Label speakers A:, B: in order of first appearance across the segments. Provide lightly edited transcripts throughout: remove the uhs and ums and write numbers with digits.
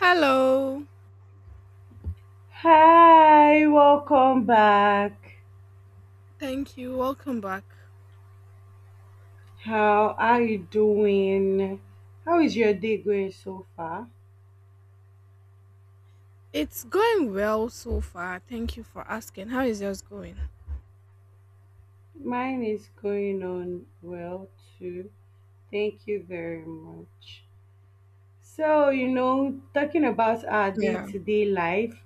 A: Hello.
B: Hi, welcome back.
A: Thank you. Welcome back.
B: How are you doing? How is your day going so far?
A: It's going well so far. Thank you for asking. How is yours going?
B: Mine is going on well too. Thank you very much. So, you know, talking about our
A: Yeah.
B: day-to-day life,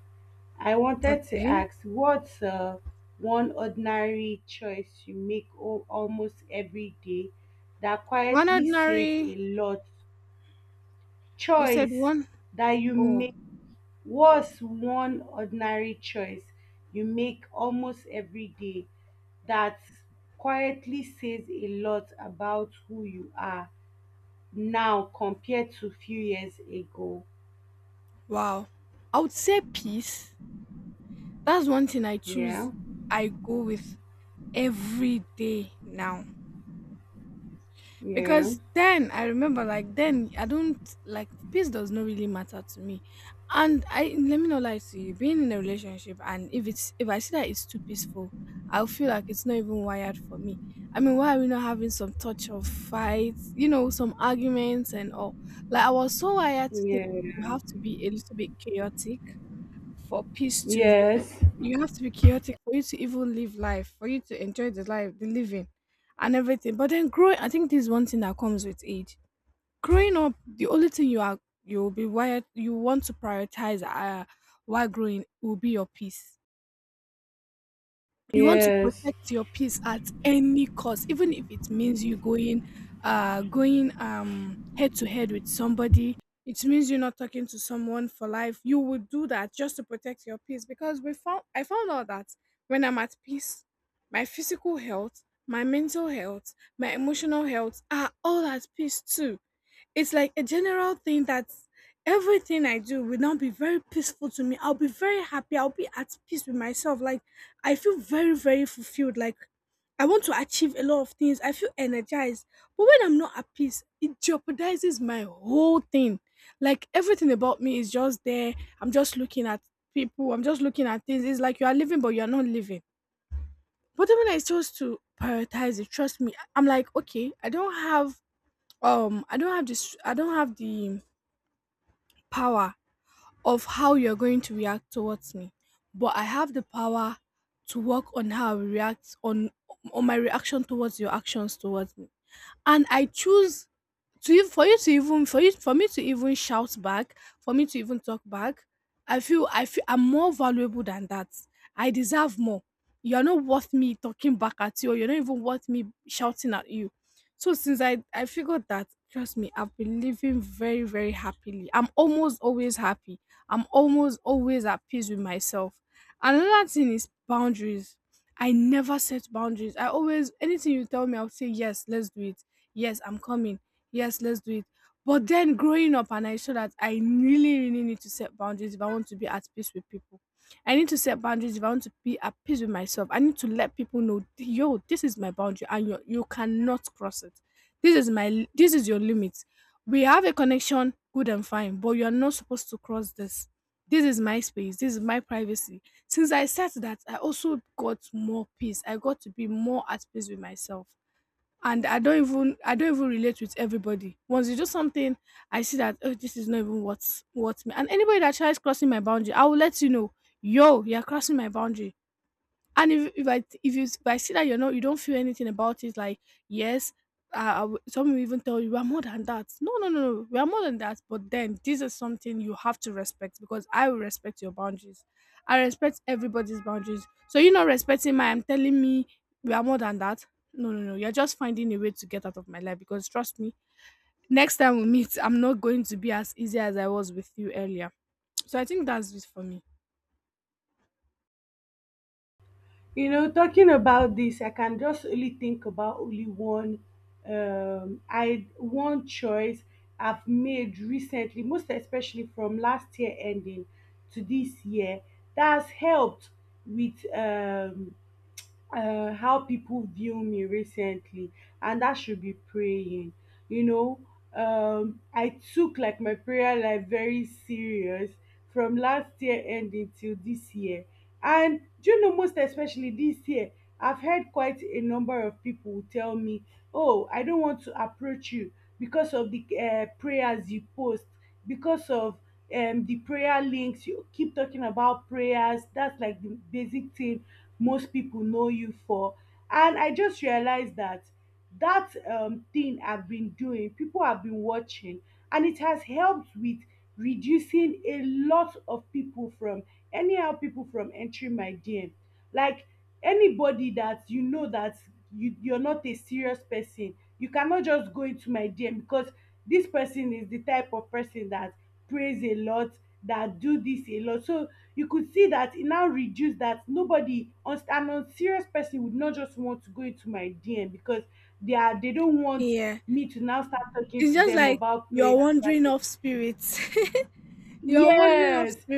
B: I wanted to
A: Okay.
B: ask what's one ordinary choice you make almost every day that
A: One
B: quietly says
A: ordinary.
B: a lot?
A: You said
B: Choice
A: one.
B: that you
A: Oh,
B: make. What's one ordinary choice you make almost every day that quietly says a lot about who you are now compared to few years ago?
A: wow. I would say peace. That's one thing I
B: Yeah,
A: choose. I go with every day now.
B: yeah,
A: Because then I remember, like, then I don't— like, peace does not really matter to me. And I— let me not lie to you, being in a relationship, and if I see that it's too peaceful, I'll feel like it's not even wired for me. I mean, why are we not having some touch of fights, some arguments and all? Like, I was so wired to—
B: yeah,
A: you have to be a little bit chaotic, for peace to re-
B: yes,
A: have to be chaotic for you to even live life, for you to enjoy the life, the living, and everything. But then growing, I think this is one thing that comes with age. Growing up, the only thing you are— you'll be wired, you want to prioritize, while growing, will be your peace. You want to
B: yes.
A: protect peace at any cost, even if it means you going— head to head with somebody. It means you're not talking to someone for life, you would do that just to protect your peace. Because we found— I found out that when I'm at peace, my physical health, my mental health, my emotional health are all at peace too. It's like a general thing that everything I do will now be very peaceful to me. I'll be very happy. I'll be at peace with myself. Like, I feel very, very fulfilled. Like, I want to achieve a lot of things. I feel energized. But when I'm not at peace, it jeopardizes my whole thing. Like, everything about me is just there. I'm just looking at people. I'm just looking at things. It's like you are living, but you are not living. But then when I chose to prioritize it, trust me, I'm like, okay, I don't have— I don't have this. I don't have the power of how you're going to react towards me, but I have the power to work on how I react on— my reaction towards your actions towards me. And I choose to— ev— for you to even— for you— for me to even shout back, for me to even talk back, I feel I'm more valuable than that. I deserve more. You're not worth me talking back at you, or you're not even worth me shouting at you. So since I figured that, trust me, I've been living very, very happily. I'm almost always happy. I'm almost always at peace with myself. Another thing is boundaries. I never set boundaries. I always— anything you tell me, I'll say yes, let's do it. Yes, I'm coming. Yes, let's do it. But then growing up, and I saw that I really, really need to set boundaries if I want to be at peace with people. I need to set boundaries if I want to be at peace with myself. I need to let people know, yo, this is my boundary, and you cannot cross it. This is my li-— this is your limit. We have a connection, good and fine, but you are not supposed to cross this. This is my space. This is my privacy. Since I said that, I also got more peace. I got to be more at peace with myself. And I don't even relate with everybody. Once you do something, I see that, oh, this is not even what's me. And anybody that tries crossing my boundary, I will let you know, yo, you're crossing my boundary. And if I see that you're not— you don't feel anything about it, like, yes, I w-— some will even tell you, we are more than that. No, no, no, no, we are more than that. But then this is something you have to respect because I will respect your boundaries. I respect everybody's boundaries. So you're not respecting my— I'm telling me, we are more than that. No, no, no. You're just finding a way to get out of my life because trust me, next time we meet, I'm not going to be as easy as I was with you earlier. So I think that's it for me.
B: You know, talking about this, I can just only think about only one I one choice I've made recently, most especially from last year ending to this year, that's helped with how people view me recently, and that should be praying, you know. I took like my prayer life very serious from last year ending till this year, and do you know, most especially this year, I've heard quite a number of people who tell me, oh, I don't want to approach you because of the prayers you post, because of the prayer links you keep talking about. Prayers, that's like the basic thing most people know you for. And I just realized that that thing I've been doing, people have been watching, and it has helped with reducing a lot of people from, anyhow people from entering my DM. Like anybody that, you know, that you're not a serious person, you cannot just go into my DM because this person is the type of person that prays a lot, that do this a lot. So you could see that it now reduced, that nobody an unserious person would not just want to go into my DM because they are, they don't want
A: Yeah.
B: me to now start talking
A: It's
B: to
A: just
B: them
A: like
B: about
A: you're
B: prayer and that.
A: wandering off spirits. You're wondering
B: Yes.
A: after.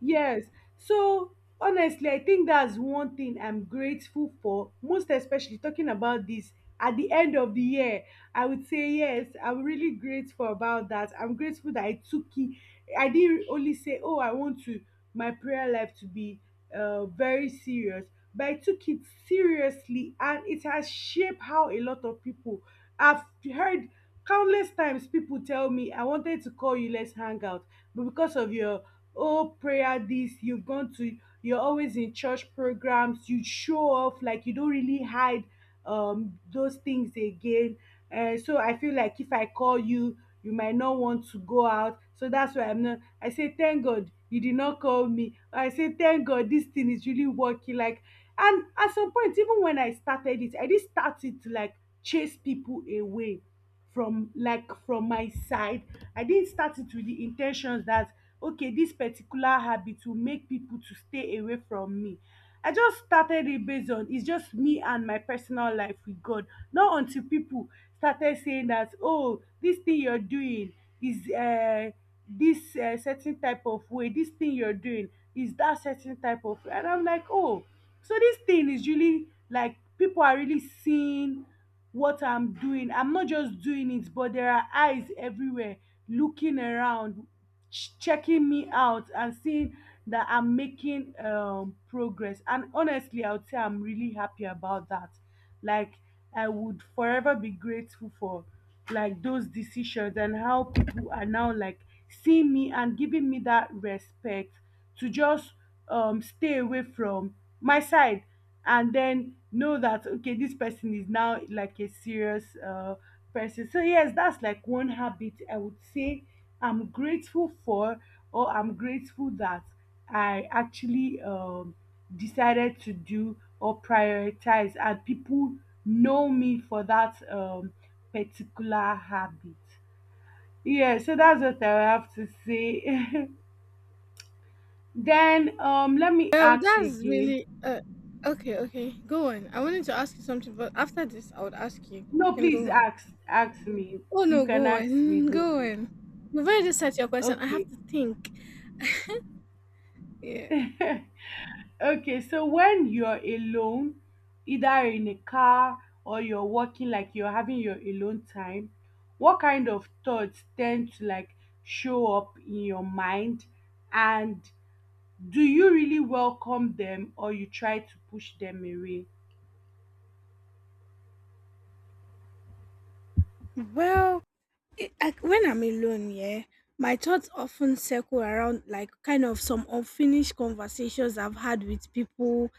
B: Yes. So honestly, I think that's one thing I'm grateful for, most especially talking about this at the end of the year. I would say yes, I'm really grateful about that. I'm grateful that I took it. I didn't only say, oh, I want to my prayer life to be very serious, but I took it seriously, and it has shaped how a lot of people, I've heard countless times people tell me, I wanted to call you, let's hang out. But because of your, oh, prayer this, you've gone to, you're always in church programs, you show off, like you don't really hide those things again. So I feel like if I call you, you might not want to go out. So that's why I'm not, I say thank God you did not call me, I say thank God this thing is really working. Like, and at some point, even when I started it, I did start it to like chase people away from, like from my side. I didn't start it with the intentions that okay, this particular habit will make people to stay away from me. I just started it based on, it's just me and my personal life with God, not until people started saying that, oh, this thing you're doing is this certain type of way, this thing you're doing is that certain type of, and I'm like, oh, so this thing is really, like people are really seeing what I'm doing. I'm not just doing it, but there are eyes everywhere looking around, checking me out, and seeing that I'm making progress. And honestly, I would say I'm really happy about that. Like, I would forever be grateful for like those decisions and how people are now like seeing me and giving me that respect to just stay away from my side and then know that okay, this person is now like a serious person. So yes, that's like one habit I would say I'm grateful for, or I'm grateful that I actually decided to do or prioritize, and people know me for that particular habit. Yeah, so that's what I have to say. Then let me
A: Well,
B: ask
A: that's
B: again.
A: really. Okay, okay. Go on. I wanted to ask you something, but after this, I would ask you. You
B: No,
A: can
B: please
A: go on.
B: ask me.
A: Oh,
B: You
A: no,
B: can
A: go
B: ask me,
A: on.
B: don't
A: Go
B: worry.
A: on. You've already said your question. I have
B: Okay.
A: to think. Yeah.
B: Okay, so when you're alone, either in a car or you're walking, like you're having your alone time, what kind of thoughts tend to like show up in your mind? And do you really welcome them or you try to push them away?
A: Well, like when I'm alone, yeah, my thoughts often circle around, like, kind of some unfinished conversations I've had with people,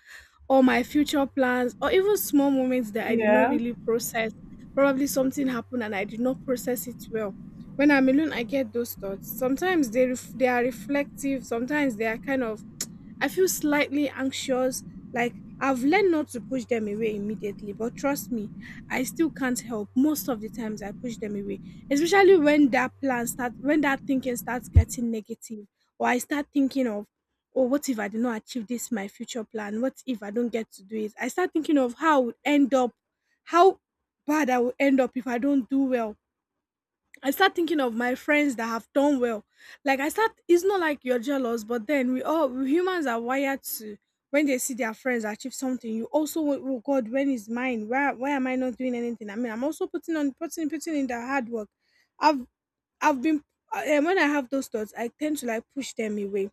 A: or my future plans, or even small moments that I did not
B: Yeah,
A: really process. Probably something happened and I did not process it well. When I'm alone, I get those thoughts. Sometimes they— they are reflective. Sometimes they are kind of— I feel slightly anxious, like, I've learned not to push them away immediately, but trust me, I still can't help. Most of the times I push them away, especially when that plan starts, when that thinking starts getting negative, or I start thinking of, oh, what if I do not achieve this, my future plan? What if I don't get to do it? I start thinking of how I would end up, how bad I will end up if I don't do well. I start thinking of my friends that have done well. Like, I start— it's not like you're jealous, but then we all— we humans are wired to— when they see their friends achieve something, you also want, oh God, when is mine? Why— why am I not doing anything? I mean, I'm also putting on— putting in the hard work. I've I've been— when I have those thoughts, I tend to, like, push them away.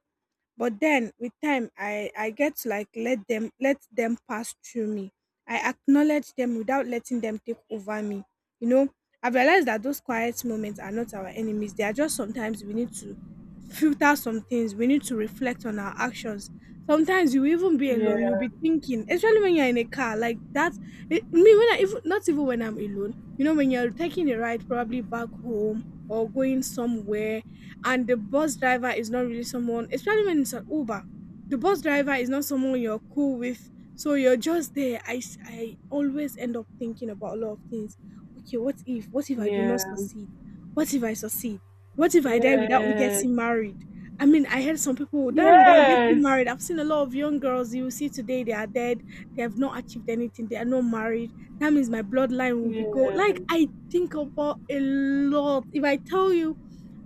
A: But then with time, I get to, like, let them pass through me. I acknowledge them without letting them take over me, you know. I've realized that those quiet moments are not our enemies, they are just— sometimes we need to filter some things, we need to reflect on our actions. Sometimes you will even be alone, you'll
B: yeah,
A: be thinking, especially when you're in a car like that. Me, when I— even not even when I'm alone, you know, when you're taking a ride, probably back home or going somewhere, and the bus driver is not really someone, especially when it's an Uber, the bus driver is not someone you're cool with. So you're just there. I always end up thinking about a lot of things. Okay, what if? What if I do not
B: yeah,
A: succeed? What if I succeed? What if I die without
B: yes,
A: getting married? I mean, I heard some people will die without getting
B: yes,
A: married. I've seen a lot of young girls you will see today, they are dead, they have not achieved anything, they are not married. That means my bloodline will be go.
B: yes,
A: Like, I think about a lot. If I tell you,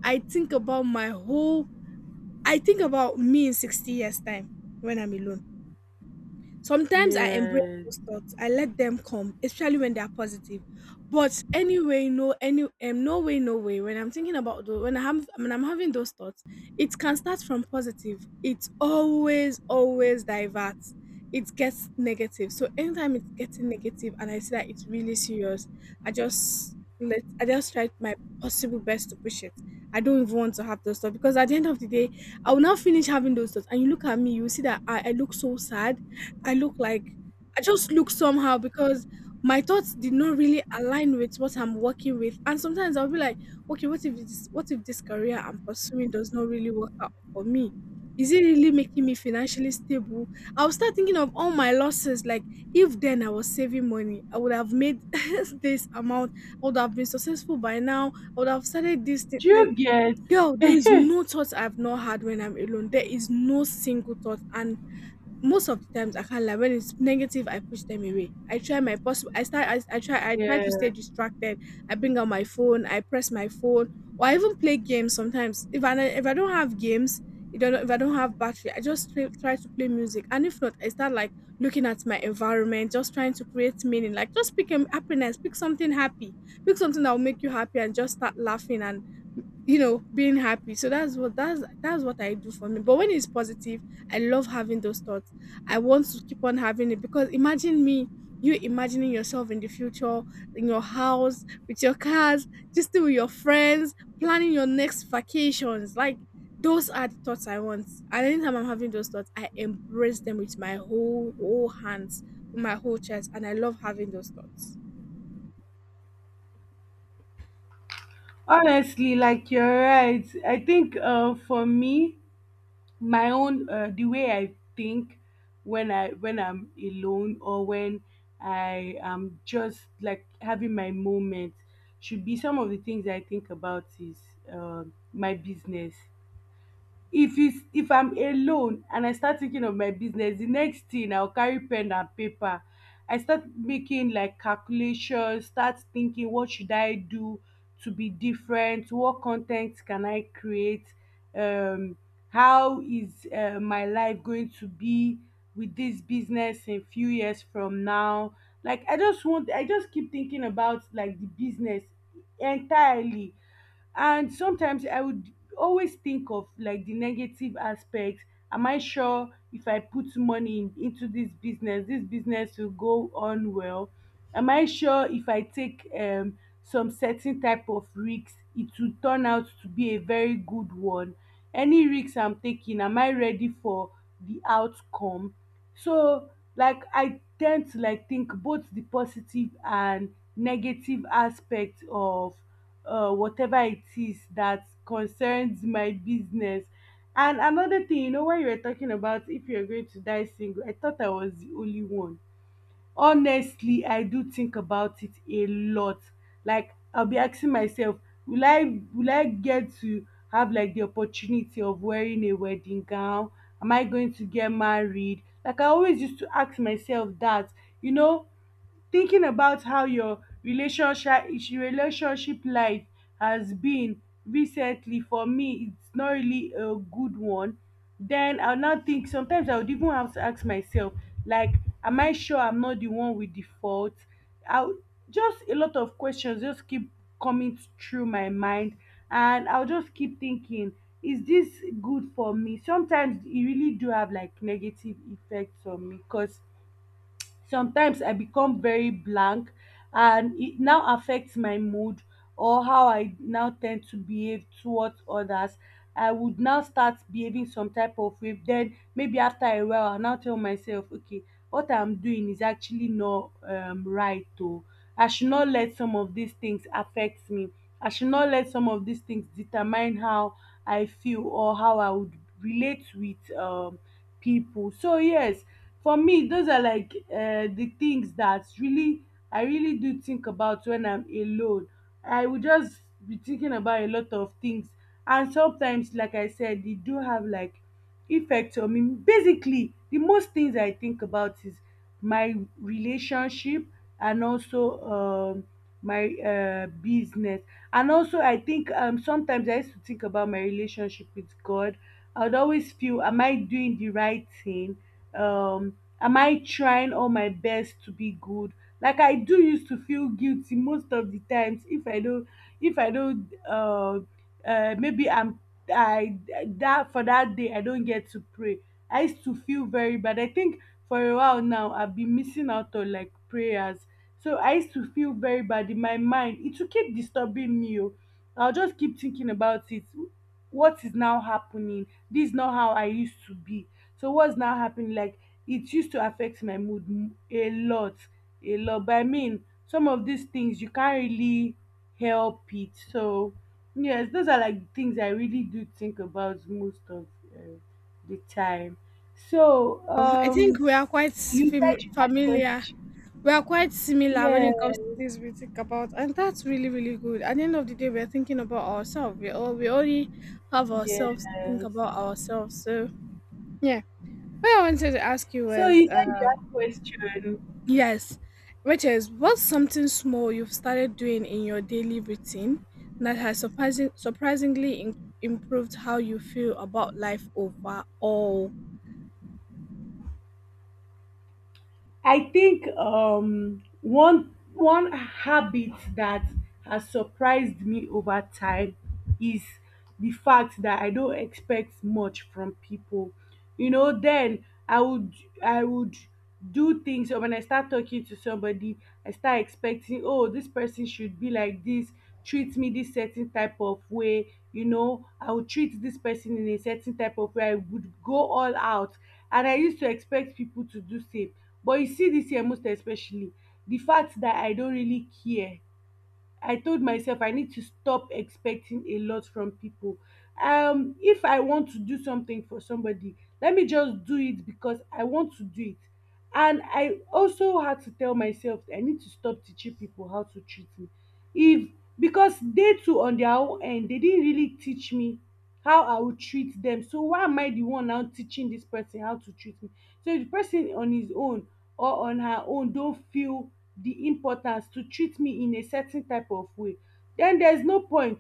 A: I think about my whole— I think about me in 60 years' time when I'm alone. Sometimes I embrace.
B: yes.
A: I let them come, especially when they are positive. But anyway, no, any— no way, no way. When I'm thinking about those, when I have— when I'm having those thoughts, it can start from positive. It always, always diverts. It gets negative. So anytime it's getting negative, and I see that it's really serious, I just— let— I just tried my possible best to push it. I don't even want to have those thoughts because at the end of the day, I will not finish having those thoughts. And you look at me, you see that I look so sad. I look like— I just look somehow because my thoughts did not really align with what I'm working with. And sometimes I'll be like, okay, what if this— what if this career I'm pursuing does not really work out for me? Is it really making me financially stable? I'll start thinking of all my losses. Like, if then I was saving money, I would have made this amount. I would have been successful by now. I would have started this thing.
B: Do
A: Like,
B: you get?
A: girl, there is no thought I've not had when I'm alone. There is no single thought. And most of the times I can't lie. When it's negative, I push them away. I try my possible. I start. I try. I try to stay
B: Yeah.
A: distracted. I bring out my phone. I press my phone, or I even play games sometimes. If I don't have games, if I don't have battery, I just try to play music. And if not, I start like looking at my environment, just trying to create meaning. Like just pick a happiness. Pick something happy. Pick something that will make you happy, and just start laughing and you know being happy. So that's what I do for me. But when it's positive, I love having those thoughts. I want to keep on having it because imagine me, you imagining yourself in the future, in your house with your cars, just still with your friends, planning your next vacations. Like those are the thoughts I want, and anytime I'm having those thoughts I embrace them with my whole hands, with my whole chest, and I love having those thoughts.
B: Honestly, like you're right. I think for me, my own the way I think when I when I'm alone or when I am just like having my moment, should be, some of the things I think about is my business. If it's, if I'm alone and I start thinking of my business, the next thing I'll carry pen and paper, I start making like calculations, start thinking, what should I do to be different? What content can I create? um how is my life going to be with this business in few years from now? Like I just want, I just keep thinking about like the business entirely. And sometimes I would always think of like the negative aspect. Am I sure if I put money in, into this business, this business will go on well? Am I sure if I take some certain type of risks, it will turn out to be a very good one? Any risks I'm taking, am I ready for the outcome? So like I tend to like think both the positive and negative aspect of whatever it is that concerns my business. And another thing, you know, when you were talking about if you're going to die single, I thought I was the only one. Honestly, I do think about it a lot. Like I'll be asking myself, will I, will I get to have like the opportunity of wearing a wedding gown? Am I going to get married? Like I always used to ask myself that, you know, thinking about how your relationship life has been recently. For me, it's not really a good one. Then I'll now think, sometimes I would even have to ask myself, like, am I sure I'm not the one with the fault? I'll, just a lot of questions just keep coming through my mind, and I'll just keep thinking, is this good for me? Sometimes it really do have like negative effects on me because sometimes I become very blank, and it now affects my mood or how I now tend to behave towards others. I would now start behaving some type of way. Then maybe after a while, I'll now tell myself, okay, what I'm doing is actually not right. Though I should not let some of these things affect me. I should not let some of these things determine how I feel or how I would relate with people. So yes, for me, those are like the things that really, I really do think about when I'm alone. I would just be thinking about a lot of things, and sometimes, like I said, they do have like effects on me. Basically, the most things I think about is my relationship, and also um, my business. And also, I think sometimes I used to think about my relationship with God. I would always feel, am I doing the right thing? Am I trying all my best to be good? Like I do used to feel guilty most of the times if I don't, if I don't maybe I'm, I that, for that day I don't get to pray, I used to feel very bad. I think for a while now, I've been missing out on like prayers, so I used to feel very bad. In my mind, it will keep disturbing me, oh. I'll just keep thinking about it, what is now happening? This is not how I used to be. So what's now happening? Like, it used to affect my mood a lot, a lot. But I mean, some of these things you can't really help it. So yes, those are like things I really do think about most of uh, the time. So
A: I think we are quite
B: you said you had
A: familiar.
B: questions.
A: We are quite similar when it
B: Yes,
A: comes to think about, and that's really, really good. At the end of the day, we're thinking about ourselves. We all we already have ourselves to think
B: yes.
A: about ourselves. So yeah. What I wanted to ask you
B: So
A: was
B: you said you had questions.
A: yes, which is, what's something small you've started doing in your daily routine that has surprisingly improved how you feel about life overall?
B: I think one habit that has surprised me over time is the fact that I don't expect much from people. You know, then I would, I would do things or when I start talking to somebody, I start expecting, oh, this person should be like this, treat me this certain type of way. You know, I would treat this person in a certain type of way. I would go all out. And I used to expect people to do same, but you see dis year most especially, the fact dat I don really care, I told myself I need to stop expecting a lot from people. If I want to do something for somebody, let me just do it because I want to do it. And I also had to tell myself I need to stop teaching people how to treat me. If Because they too on their own end, they didn't really teach me how I would treat them. So why am I the one now teaching this person how to treat me? So if the person on his own or on her own don't feel the importance to treat me in a certain type of way, then there's no point.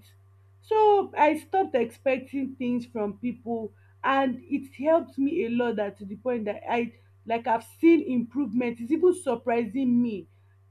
B: So I stopped expecting things from people and it helped me a lot, that to the point that I, like, I've seen improvement. It's even surprising me.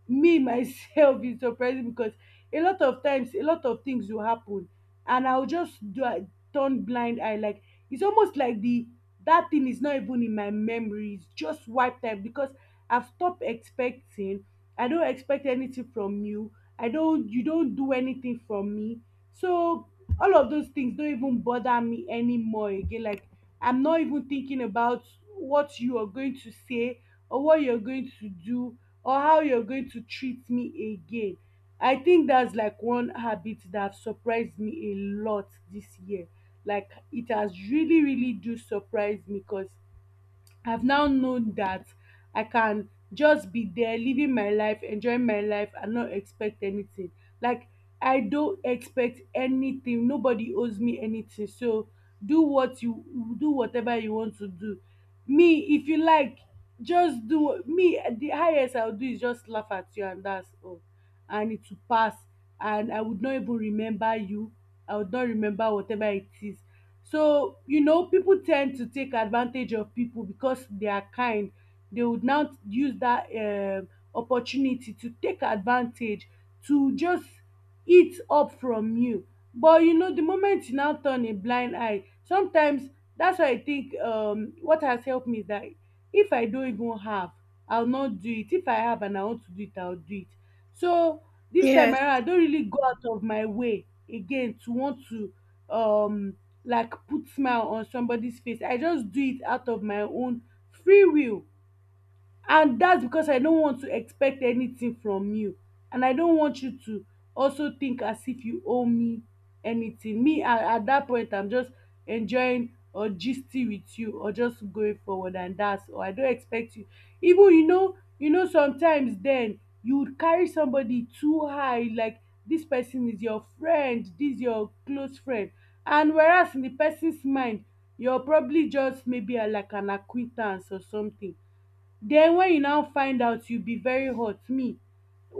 B: Me myself is surprising because a lot of times a lot of things will happen and I'll just do a turn blind eye. Like, it's almost like the that thing is not even in my memory, it's just wiped out because I've stopped expecting. I don't expect anything from you. I don't You don't do anything from me. So all of those things don't even bother me anymore again. Like, I'm not even thinking about what you are going to say or what you're going to do or how you're going to treat me again. I think that's like one habit that have surprised me a lot this year. Like, it has really, really do surprise me, because I've now known that I can just be there living my life, enjoying my life and not expect anything. Like, I don't expect anything. Nobody owes me anything. So do what you do whatever you want to do. Me, if you like, me, the highest I'll do is just laugh at you, and that's all. And it will pass. And I would not even remember you. I would not remember whatever it is. So, you know, people tend to take advantage of people because they are kind. They would now use that opportunity to take advantage, to just eat up from you. But you know, the moment you now turn a blind eye, sometimes, that's why I think what has helped me is that if I don't even have, I'll not do it. If I have and I want to do it, I'll do it. So this time
A: Yes.
B: around, I don't really go out of my way again to want to um like put smile on somebody face. I just do it out of my own free will, and that's because I don't want to expect anything from you, and I don't want you to also think as if you owe me anything. Me at that point, I'm just enjoying or gisting with you or just going forward, and that's all. I don't expect you, even, you know sometimes then you would carry somebody too high, like, this person is your friend, this your close friend, and whereas in the person's mind you're probably just maybe like an acquaintance or something. Den wen you now find out you be very hot. Me,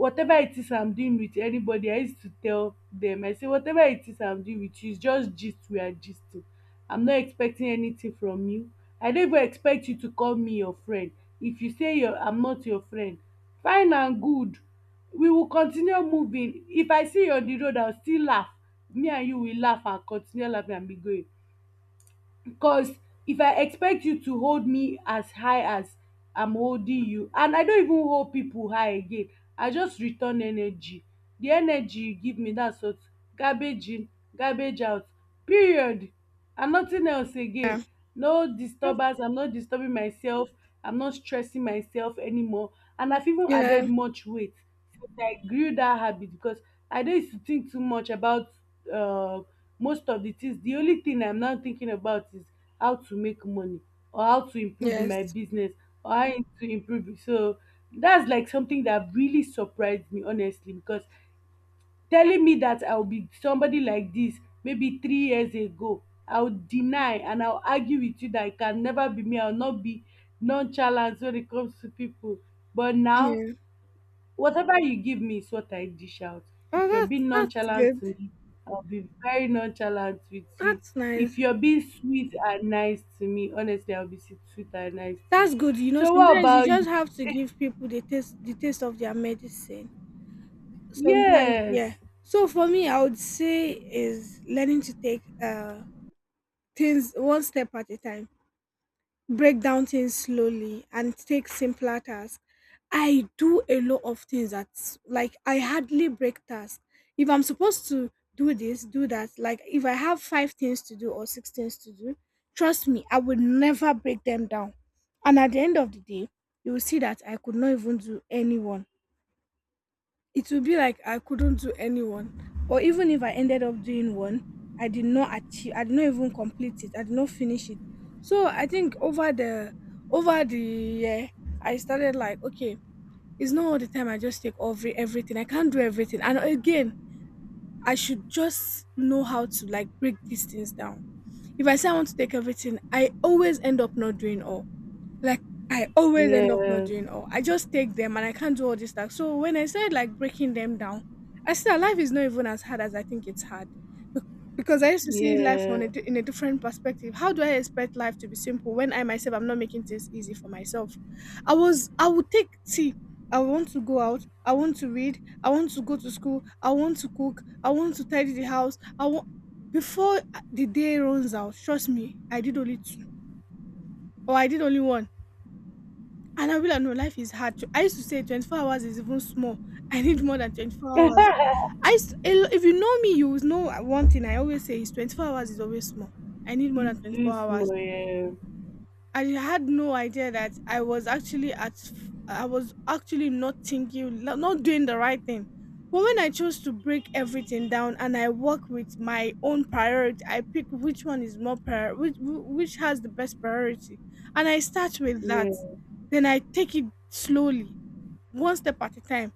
B: whatever it is I'm doing with anybody, I used to tell dem, I say whatever it is I'm doing with you is just gist, we are gisting. I'm not expecting anything from you. I no even expect you to call me your friend. If you say your I'm not your friend, fine and good, we will continue moving. If I see you on the road, I will still laugh. Me and you will laugh and continue laughing and be going. Because if I expect you to hold me as high as I'm holding you, and I don't even hold people high again, I just return energy. The energy you give me, that's what, garbage in, garbage out. Period. And nothing else
A: Yeah.
B: again. No
A: Oh.
B: disturbance. I'm not disturbing myself. I'm not stressing myself anymore. And I've even
A: Yeah.
B: added much weight since I grew that habit because I don't used to think too much about uh most of the things. The only thing I'm now thinking about is how to make money or how to improve in my
A: Yes.
B: business or to improve it. So that's like something that really surprised me, honestly, because telling me that I'll be somebody like this maybe 3 years ago, I'll deny and I'll argue with you that it can never be me. I'll not be nonchalant when it comes to people, but now,
A: Yeah.
B: whatever you give me is what I dish out.
A: Oh,
B: If you're
A: that's
B: being nonchalant
A: good.
B: to me, I'll be very nonchalant with you.
A: That's nice.
B: If you're being sweet and nice to me, honestly, I'll be sweet and nice to
A: That's
B: you.
A: good. You know,
B: So, what
A: sometimes you
B: about
A: just
B: you?
A: have to give people the taste of their medicine. Sometimes,
B: Yes.
A: yeah. So for me, I would say is learning to take things one step at a time, break down things slowly and take simpler tasks. I do a lot of things that, like, I hardly break tasks. If I'm supposed to do this, do that, like if I have five things to do or six things to do, trust me, I would never break them down. And at the end of the day, you will see that I could not even do any one. It would be like I couldn't do any one. Or even if I ended up doing one, I did not even complete it. I did not finish it. So I think over the year I started like, okay, it's not all the time I just take everything. I can't do everything. And again, I should just know how to like break these things down. If I say I want to take everything, I always end up not doing all. Like I always end up not
B: Yeah.
A: doing all. I just take them and I can't do all this stuff. So when I started like breaking them down, I see that life is not even as hard as I think it's hard. Because I used to see life on
B: Yeah.
A: in a different perspective. How do I expect life to be simple when I myself I'm not making things easy for myself? I would take see. I want to go out. I want to read. I want to go to school. I want to cook. I want to tidy the house. I want, before the day runs out. Trust me, I did only two, or I did only one and I'll be like, no, life is hard. I used to say 24 hours is even small. I need more than 24 hours. If you know me, you will know one thing I always say is 24 hours is always small. I need more than
B: It's
A: 24
B: too
A: hours.
B: small. Yeah.
A: I had no idea that I was actually not thinking, not doing the right thing. But when I chose to break everything down and I work with my own priority, I pick which one is more prior, which has the best priority, and I start with that. Then I take it slowly, one step at a time.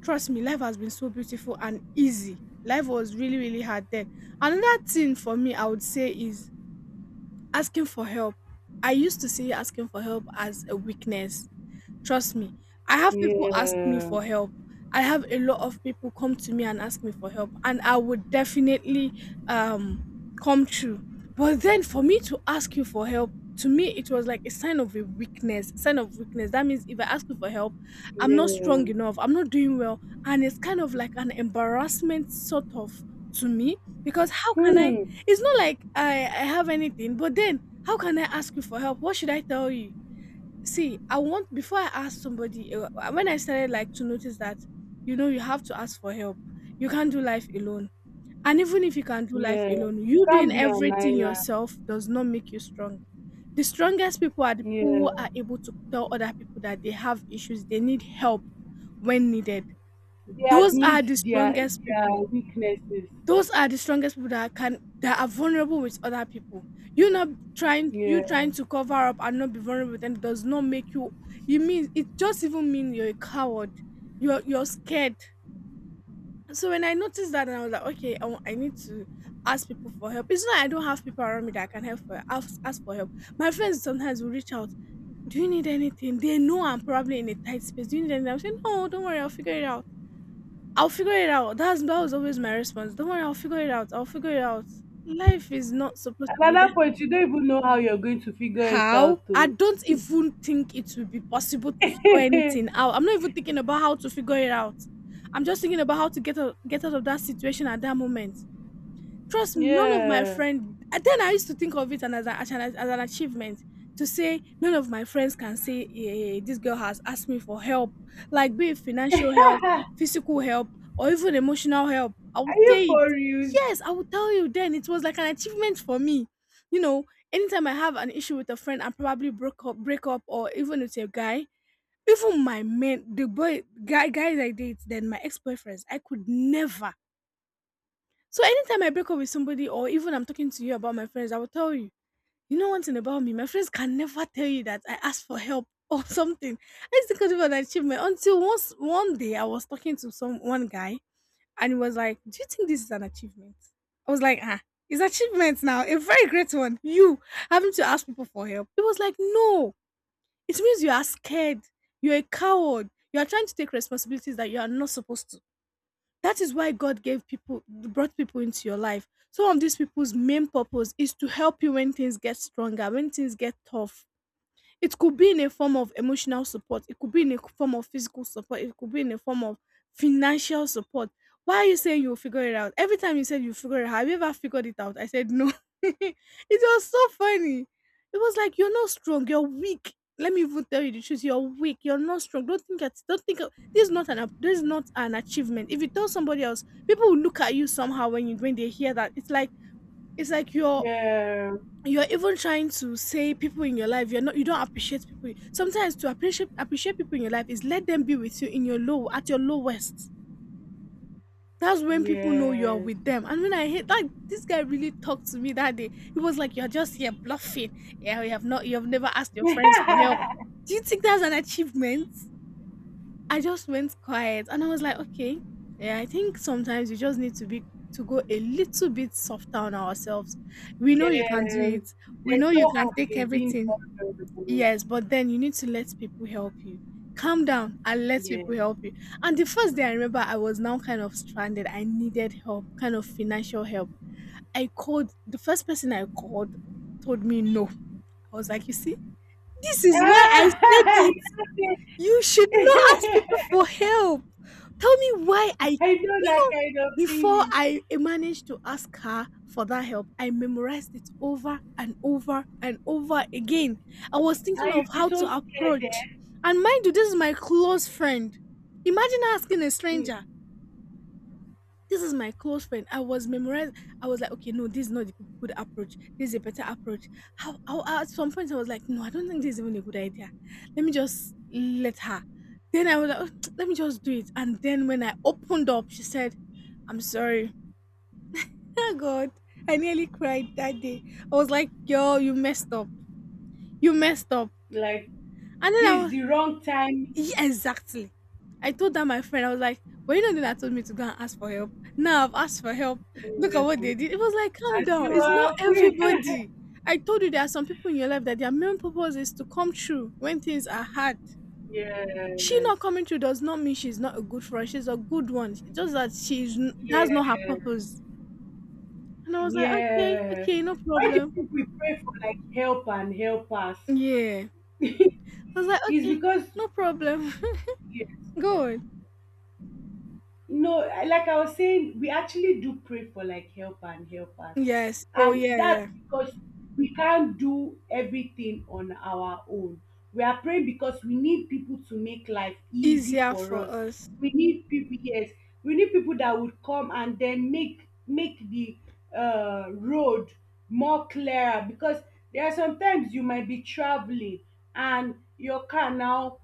A: Trust me, life has been so beautiful and easy. Life was really, really hard then. Another thing for me, I would say, is asking for help. I used to see asking for help as a weakness. Trust me. I have people
B: Yeah.
A: ask me
B: Yeah.
A: for help. I have a lot of people come to me and ask me for help, and I would definitely um come true. But then for me to ask you for help, to me it was like a sign of a weakness, sign of weakness. That means if I ask you for help, I'm not
B: Yeah.
A: strong enough, I'm not doing well, and it's kind of like an embarrassment sort of to me, because how can I?
B: Hmm.
A: It's not like I have anything, but then how can I ask you for help? What should I tell you? See, I want before I ask somebody, when I started like to notice that, you know, you have to ask for help. You can't do life alone, and even if you can do life
B: Yeah.
A: alone,
B: You
A: you doing
B: can't be an
A: everything
B: island.
A: yourself does not make you strong. The strongest people are the people
B: Yeah.
A: who are able to tell other people that they have issues, they need help when needed.
B: They
A: Those are
B: admit
A: the
B: their
A: strongest.
B: their weaknesses.
A: Those are the strongest people that can that are vulnerable with other people. You not trying, you
B: Yeah.
A: trying to cover up and not be vulnerable with them, does not make you, you mean it just even mean you're a coward. You're scared. So when I noticed that and I was like, okay, I need to ask people for help. It's not like I don't have people around me that I can help for ask, ask for help. My friends sometimes will reach out. Do you need anything? They know I'm probably in a tight space. Do you need anything? I'm saying, no, don't worry, I'll figure it out. I'll figure it out. That was always my response. Don't worry, I'll figure it out. I'll figure it out. Life is not supposed to be that.
B: Another point, you don't even know how you're going to figure it
A: How?
B: out.
A: I
B: Oh,
A: don't even think it will be possible to figure anything out. I'm not even thinking about how to figure it out. I'm just thinking about how to get out of that situation at that moment. Trust me, none of my
B: yeah.
A: friends. Then I used to think of it and as, as an achievement to say none of my friends can say, eh, this girl has asked me for help, like be it financial help, physical help, or even emotional help. I would
B: Are
A: say
B: you
A: it.
B: for real?
A: Yes, I will tell you then. It was like an achievement for me. You know, anytime I have an issue with a friend and probably break up, or even with a guy, even my men, the boy, guy, guys I date, then my ex boyfriends, I could never. So anytime I break up with somebody, or even I'm talking to you about my friends, I will tell you. You know one thing about me, my friends can never tell you that I asked for help or something. I used to consider it an achievement until once one day I was talking to some one guy, and he was like, "Do you think this is an achievement?" I was like, "Ah, it's achievement now, a very great one. You having to ask people for help." He was like, "No, it means you are scared. You're a coward. You are trying to take responsibilities that you are not supposed to. That is why God gave people, brought people into your life. Some of these people's main purpose is to help you when things get stronger, when things get tough. It could be in a form of emotional support, it could be in a form of physical support, it could be in a form of financial support. Why are you saying you'll figure it out? Every time you said you figure it out, have you ever figured it out?" I said no. It was so funny. It was like, "You're not strong, you're weak. Let me even tell you the truth. You're weak. You're not strong. Don't think that. Don't think of- This is not This is not an achievement. If you tell somebody else, people will look at you somehow when you when they hear that." It's like you're
B: Yeah.
A: you're even trying to say people in your life, you don't appreciate people. Sometimes, to appreciate people in your life is let them be with you in your low, at your lowest. That's when people know you're
B: Yes.
A: with them. And when I hate that, this guy really talked to me that day. He was like, you're just here bluffing. Yeah, you have never asked your friends for help. You think that's an achievement? I just went quiet and I was like, okay. Yeah, I think sometimes you just need to go a little bit softer on ourselves. We know you can do
B: Yeah.
A: it. We
B: There's
A: know you
B: no
A: can
B: harm
A: take
B: in being
A: everything.
B: vulnerable.
A: Yes, but then you need to let people help you. Calm down and let
B: Yeah.
A: people help you. And the first day, I remember I was now kind of stranded. I needed help, kind of financial help. I called the first person I called, told me no. I was like, you see, this is why I
B: Ah,
A: said
B: you know,
A: you should not ask
B: say-
A: people for help. Tell me why I,
B: I know that kind of
A: before
B: feeling.
A: I managed to ask her for that help, I memorized it over and over and over again. I was thinking
B: And
A: of
B: you'll be
A: how
B: so
A: to
B: scared,
A: approach.
B: eh?
A: And mind you, this is my close friend. Imagine asking a stranger.
B: Mm,
A: This is my close friend. I was memorizing. I was like, okay, no, this is not a good approach. This is a better approach. How, at some point, I was like, no, I don't think this is even a good idea. Let me just let her. Then I was like, "Oh, let me just do it." And then when I opened up, she said, "I'm sorry." Oh, God. I nearly cried that day. I was like, yo, you messed up. You messed up.
B: like,
A: And then I
B: this is
A: was...
B: the wrong
A: Yeah,
B: time.
A: exactly. I told that my friend, I was like, well, you know the one that told me to go and ask for help. Now I've asked for help. Look at
B: Yeah.
A: what they did. It was like, calm
B: As
A: down.
B: you
A: It's not
B: are free.
A: everybody. I told you there are some people in your life that their main purpose is to come true when things are hard. She
B: Yes.
A: not coming through does not mean she's not a good friend. She's a good one. It's just that that's not her
B: Yes.
A: purpose. And I was like, okay,
B: Yes.
A: okay, no
B: Why do you
A: problem.
B: think we pray for like help and help us?
A: Yeah. I was like,
B: It's
A: okay,
B: because,
A: no problem.
B: yeah.
A: Go on.
B: No, I- like I was saying, we actually do pray for like help and helpers,
A: Yes. Oh,
B: and
A: yeah,
B: that's
A: yeah.
B: because we can't do everything on our own. We are praying because we need people to make life easy
A: Easier
B: for
A: for
B: us.
A: us.
B: We need people, yes, we need people that would come and then make make the road more clearer. Because there are sometimes you might be traveling and your car now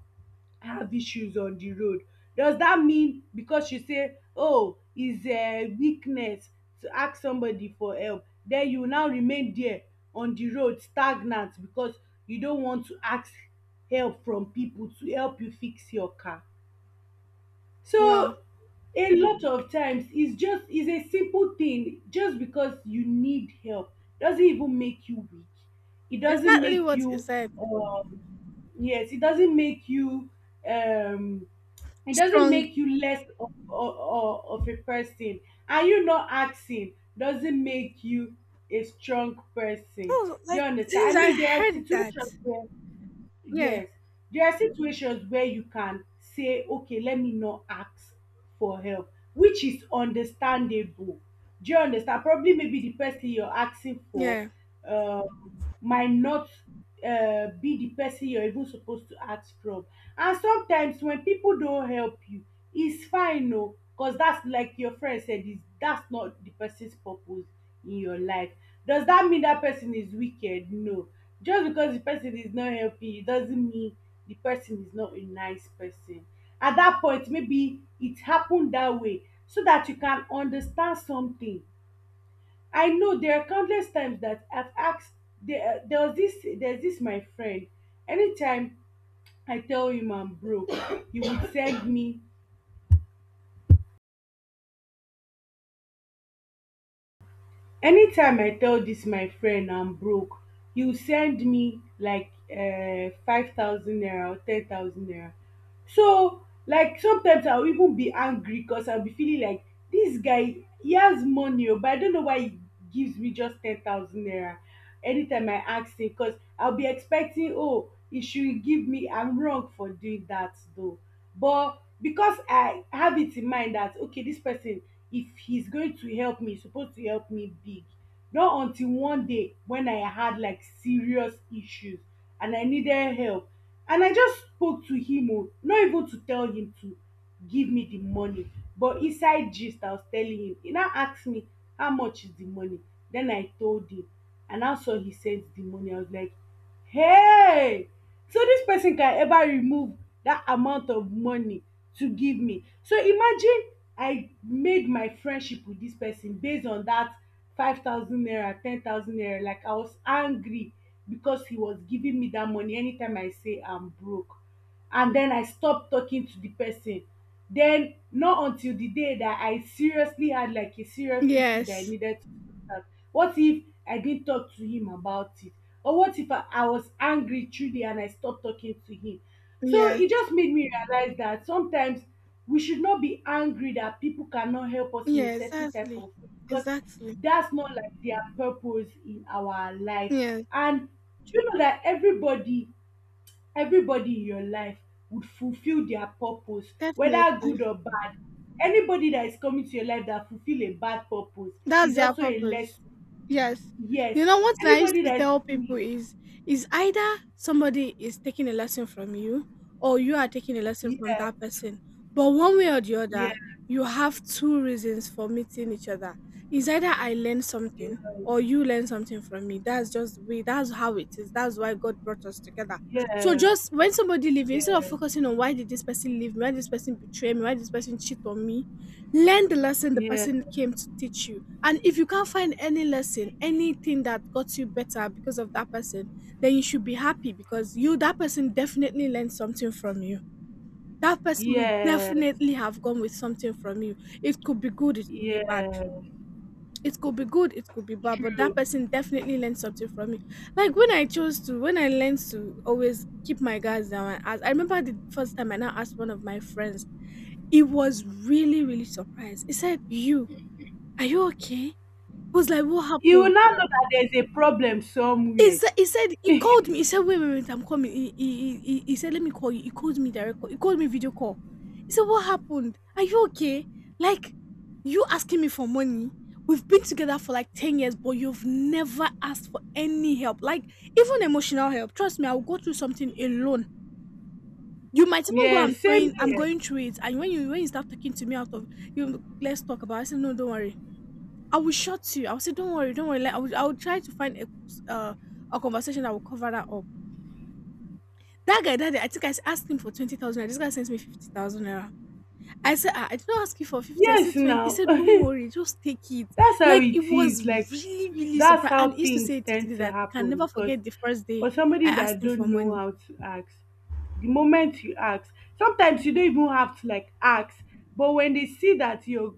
B: have issues on the road, does that mean because you say, oh, is weakness to ask somebody for help, then you now remain there on the road stagnant because you don't want to ask help from people to help you fix your car?
A: Wow.
B: So a lot of times it's just, it's a simple thing. Just because you need help doesn't even make you weak. It doesn't
A: Exactly
B: make
A: what you
B: you,
A: said.
B: um yes, it doesn't make you, um it doesn't
A: Strong.
B: make you less of a person, and you not asking doesn't make you a strong person.
A: Oh,
B: Do you
A: like
B: understand?
A: since
B: I
A: I
B: mean, there are
A: heard,
B: situations where,
A: yeah,
B: yes, there are situations where you can say, okay, let me not ask for help, which is understandable. Do you understand? Probably maybe the person you're asking for,
A: yeah,
B: might not, be the person you're even supposed to ask from. And sometimes when people don't help you, it's fine, no, because that's like your friend said, is that's not the person's purpose in your life. Does that mean that person is wicked? No, just because the person is not helping you doesn't mean the person is not a nice person. At that point, maybe it happened that way so that you can understand something. I know there are countless times that I've asked. There's this my friend. Anytime I tell him I'm broke, he would send me, anytime I tell dis my friend I'm broke, he'll send me like 5,000 naira or 10,000 naira. So, like, sometimes I'll even be angry, cause I'll be feeling like this guy, he has money o, but I don't know why he gives me just 10,000 naira anytime I ask him. Cause I'll be expecting, oh, he should give me. I'm wrong for doing that though, but because I have it in mind that okay, this person, if he's going to help me, he's supposed to help me big. Not until one day when I had like serious issues and I needed help, and I just spoke to him o, not even to tell him to give me the money, but inside gist I was telling him. He now ask me how much is the money, then I told him, and how so he sent the money. I was like, hey! So dis person can ever remove dat amount of money to give me. So imagine I made my friendship with dis person base on dat 5,000 naira, 10,000 naira. Like, I was angry because he was giving me dat money anytime I say I'm broke, and den I stop talking to the person. Den not until the day dat I seriously had like a serious issue dat I
A: yes,
B: needed to. What if I didn't talk to him about it? Or what if I was angry truly and I stopped talking to him? So
A: yes,
B: it just made me realize that sometimes we should not be angry that people cannot help us in a
A: yeah,
B: certain type
A: exactly,
B: of way because
A: exactly,
B: that's not like their purpose in our life.
A: yes,
B: And do you know that everybody, everybody in your life would fulfill their purpose, whether good
A: definitely.
B: or bad. Anybody that is coming to your life that fulfill a bad purpose
A: That's
B: is
A: their
B: also a
A: purpose.
B: lesson.
A: Yes. You
B: Yes.
A: know what I used
B: Anybody
A: to
B: that's
A: tell people
B: me.
A: is either somebody is taking a lesson from you or you are taking a lesson from that
B: Yes.
A: person. But one way or the other,
B: Yes.
A: you have two reasons for meeting each other. Is either I learn
B: Yes.
A: something or you learn something from me. That's just the way, that's how it is. That's why God brought us together. So
B: Yes.
A: just when somebody leaves, instead of
B: Yes.
A: focusing on why did this person leave me, why did this person betray me, why did this person cheat on me, learn the lesson the
B: Yes.
A: person came to teach you. And if you can't find any lesson, anything that got you better because of that person, then you should be happy because you, that person definitely learned something from you. That person will
B: Yes.
A: definitely have gone with something from you. It could be good, it could be bad.
B: Yes.
A: It could be good, it could be bad, but that
B: True.
A: person definitely learned something from me. Like when I chose to, when I learned to always keep my guards down and ask, I remember the first time I now asked one of my friends, he was really, really surprised. He said, "You, are you okay?" I was like, "What
B: You
A: happened?"
B: will now know that there's a problem
A: He
B: somewhere.
A: said, he said he called me. He said, "Wait, wait, wait, I'm coming." He said, "Let me call you." He called me direct call. He called me video call. He said, "What happened? Are you okay? Like, you asking me for money? We've been together for like 10 years, but you've never asked for any help, like even emotional help. Trust me, I'll go through something alone. You might even go. I'm
B: Yes. Same
A: trying. I'm
B: here.
A: going through it. And when you start talking to me out of you, let's talk about it." I said, "No, don't worry. I will shut you. I will say, don't worry, don't worry. Like, I will try to find a conversation that will cover that up." That guy, that day, I think I asked him for 20,000. This guy sends me 50,000 naira. I said, ah, I did not ask you for 50. I
B: Yes.
A: said 20. He
B: Now.
A: said, don't worry, just take it.
B: That's how
A: Like, it
B: it is.
A: was
B: Like,
A: really, really
B: that's
A: surprised. And
B: how
A: he used to
B: things
A: say to
B: tend
A: me
B: to
A: that he can
B: happen
A: never
B: because
A: forget the first day
B: for
A: I
B: somebody that
A: asked him for
B: don't know
A: money.
B: how to ask, the moment you ask sometimes you don't even have to like ask, but when they see that you're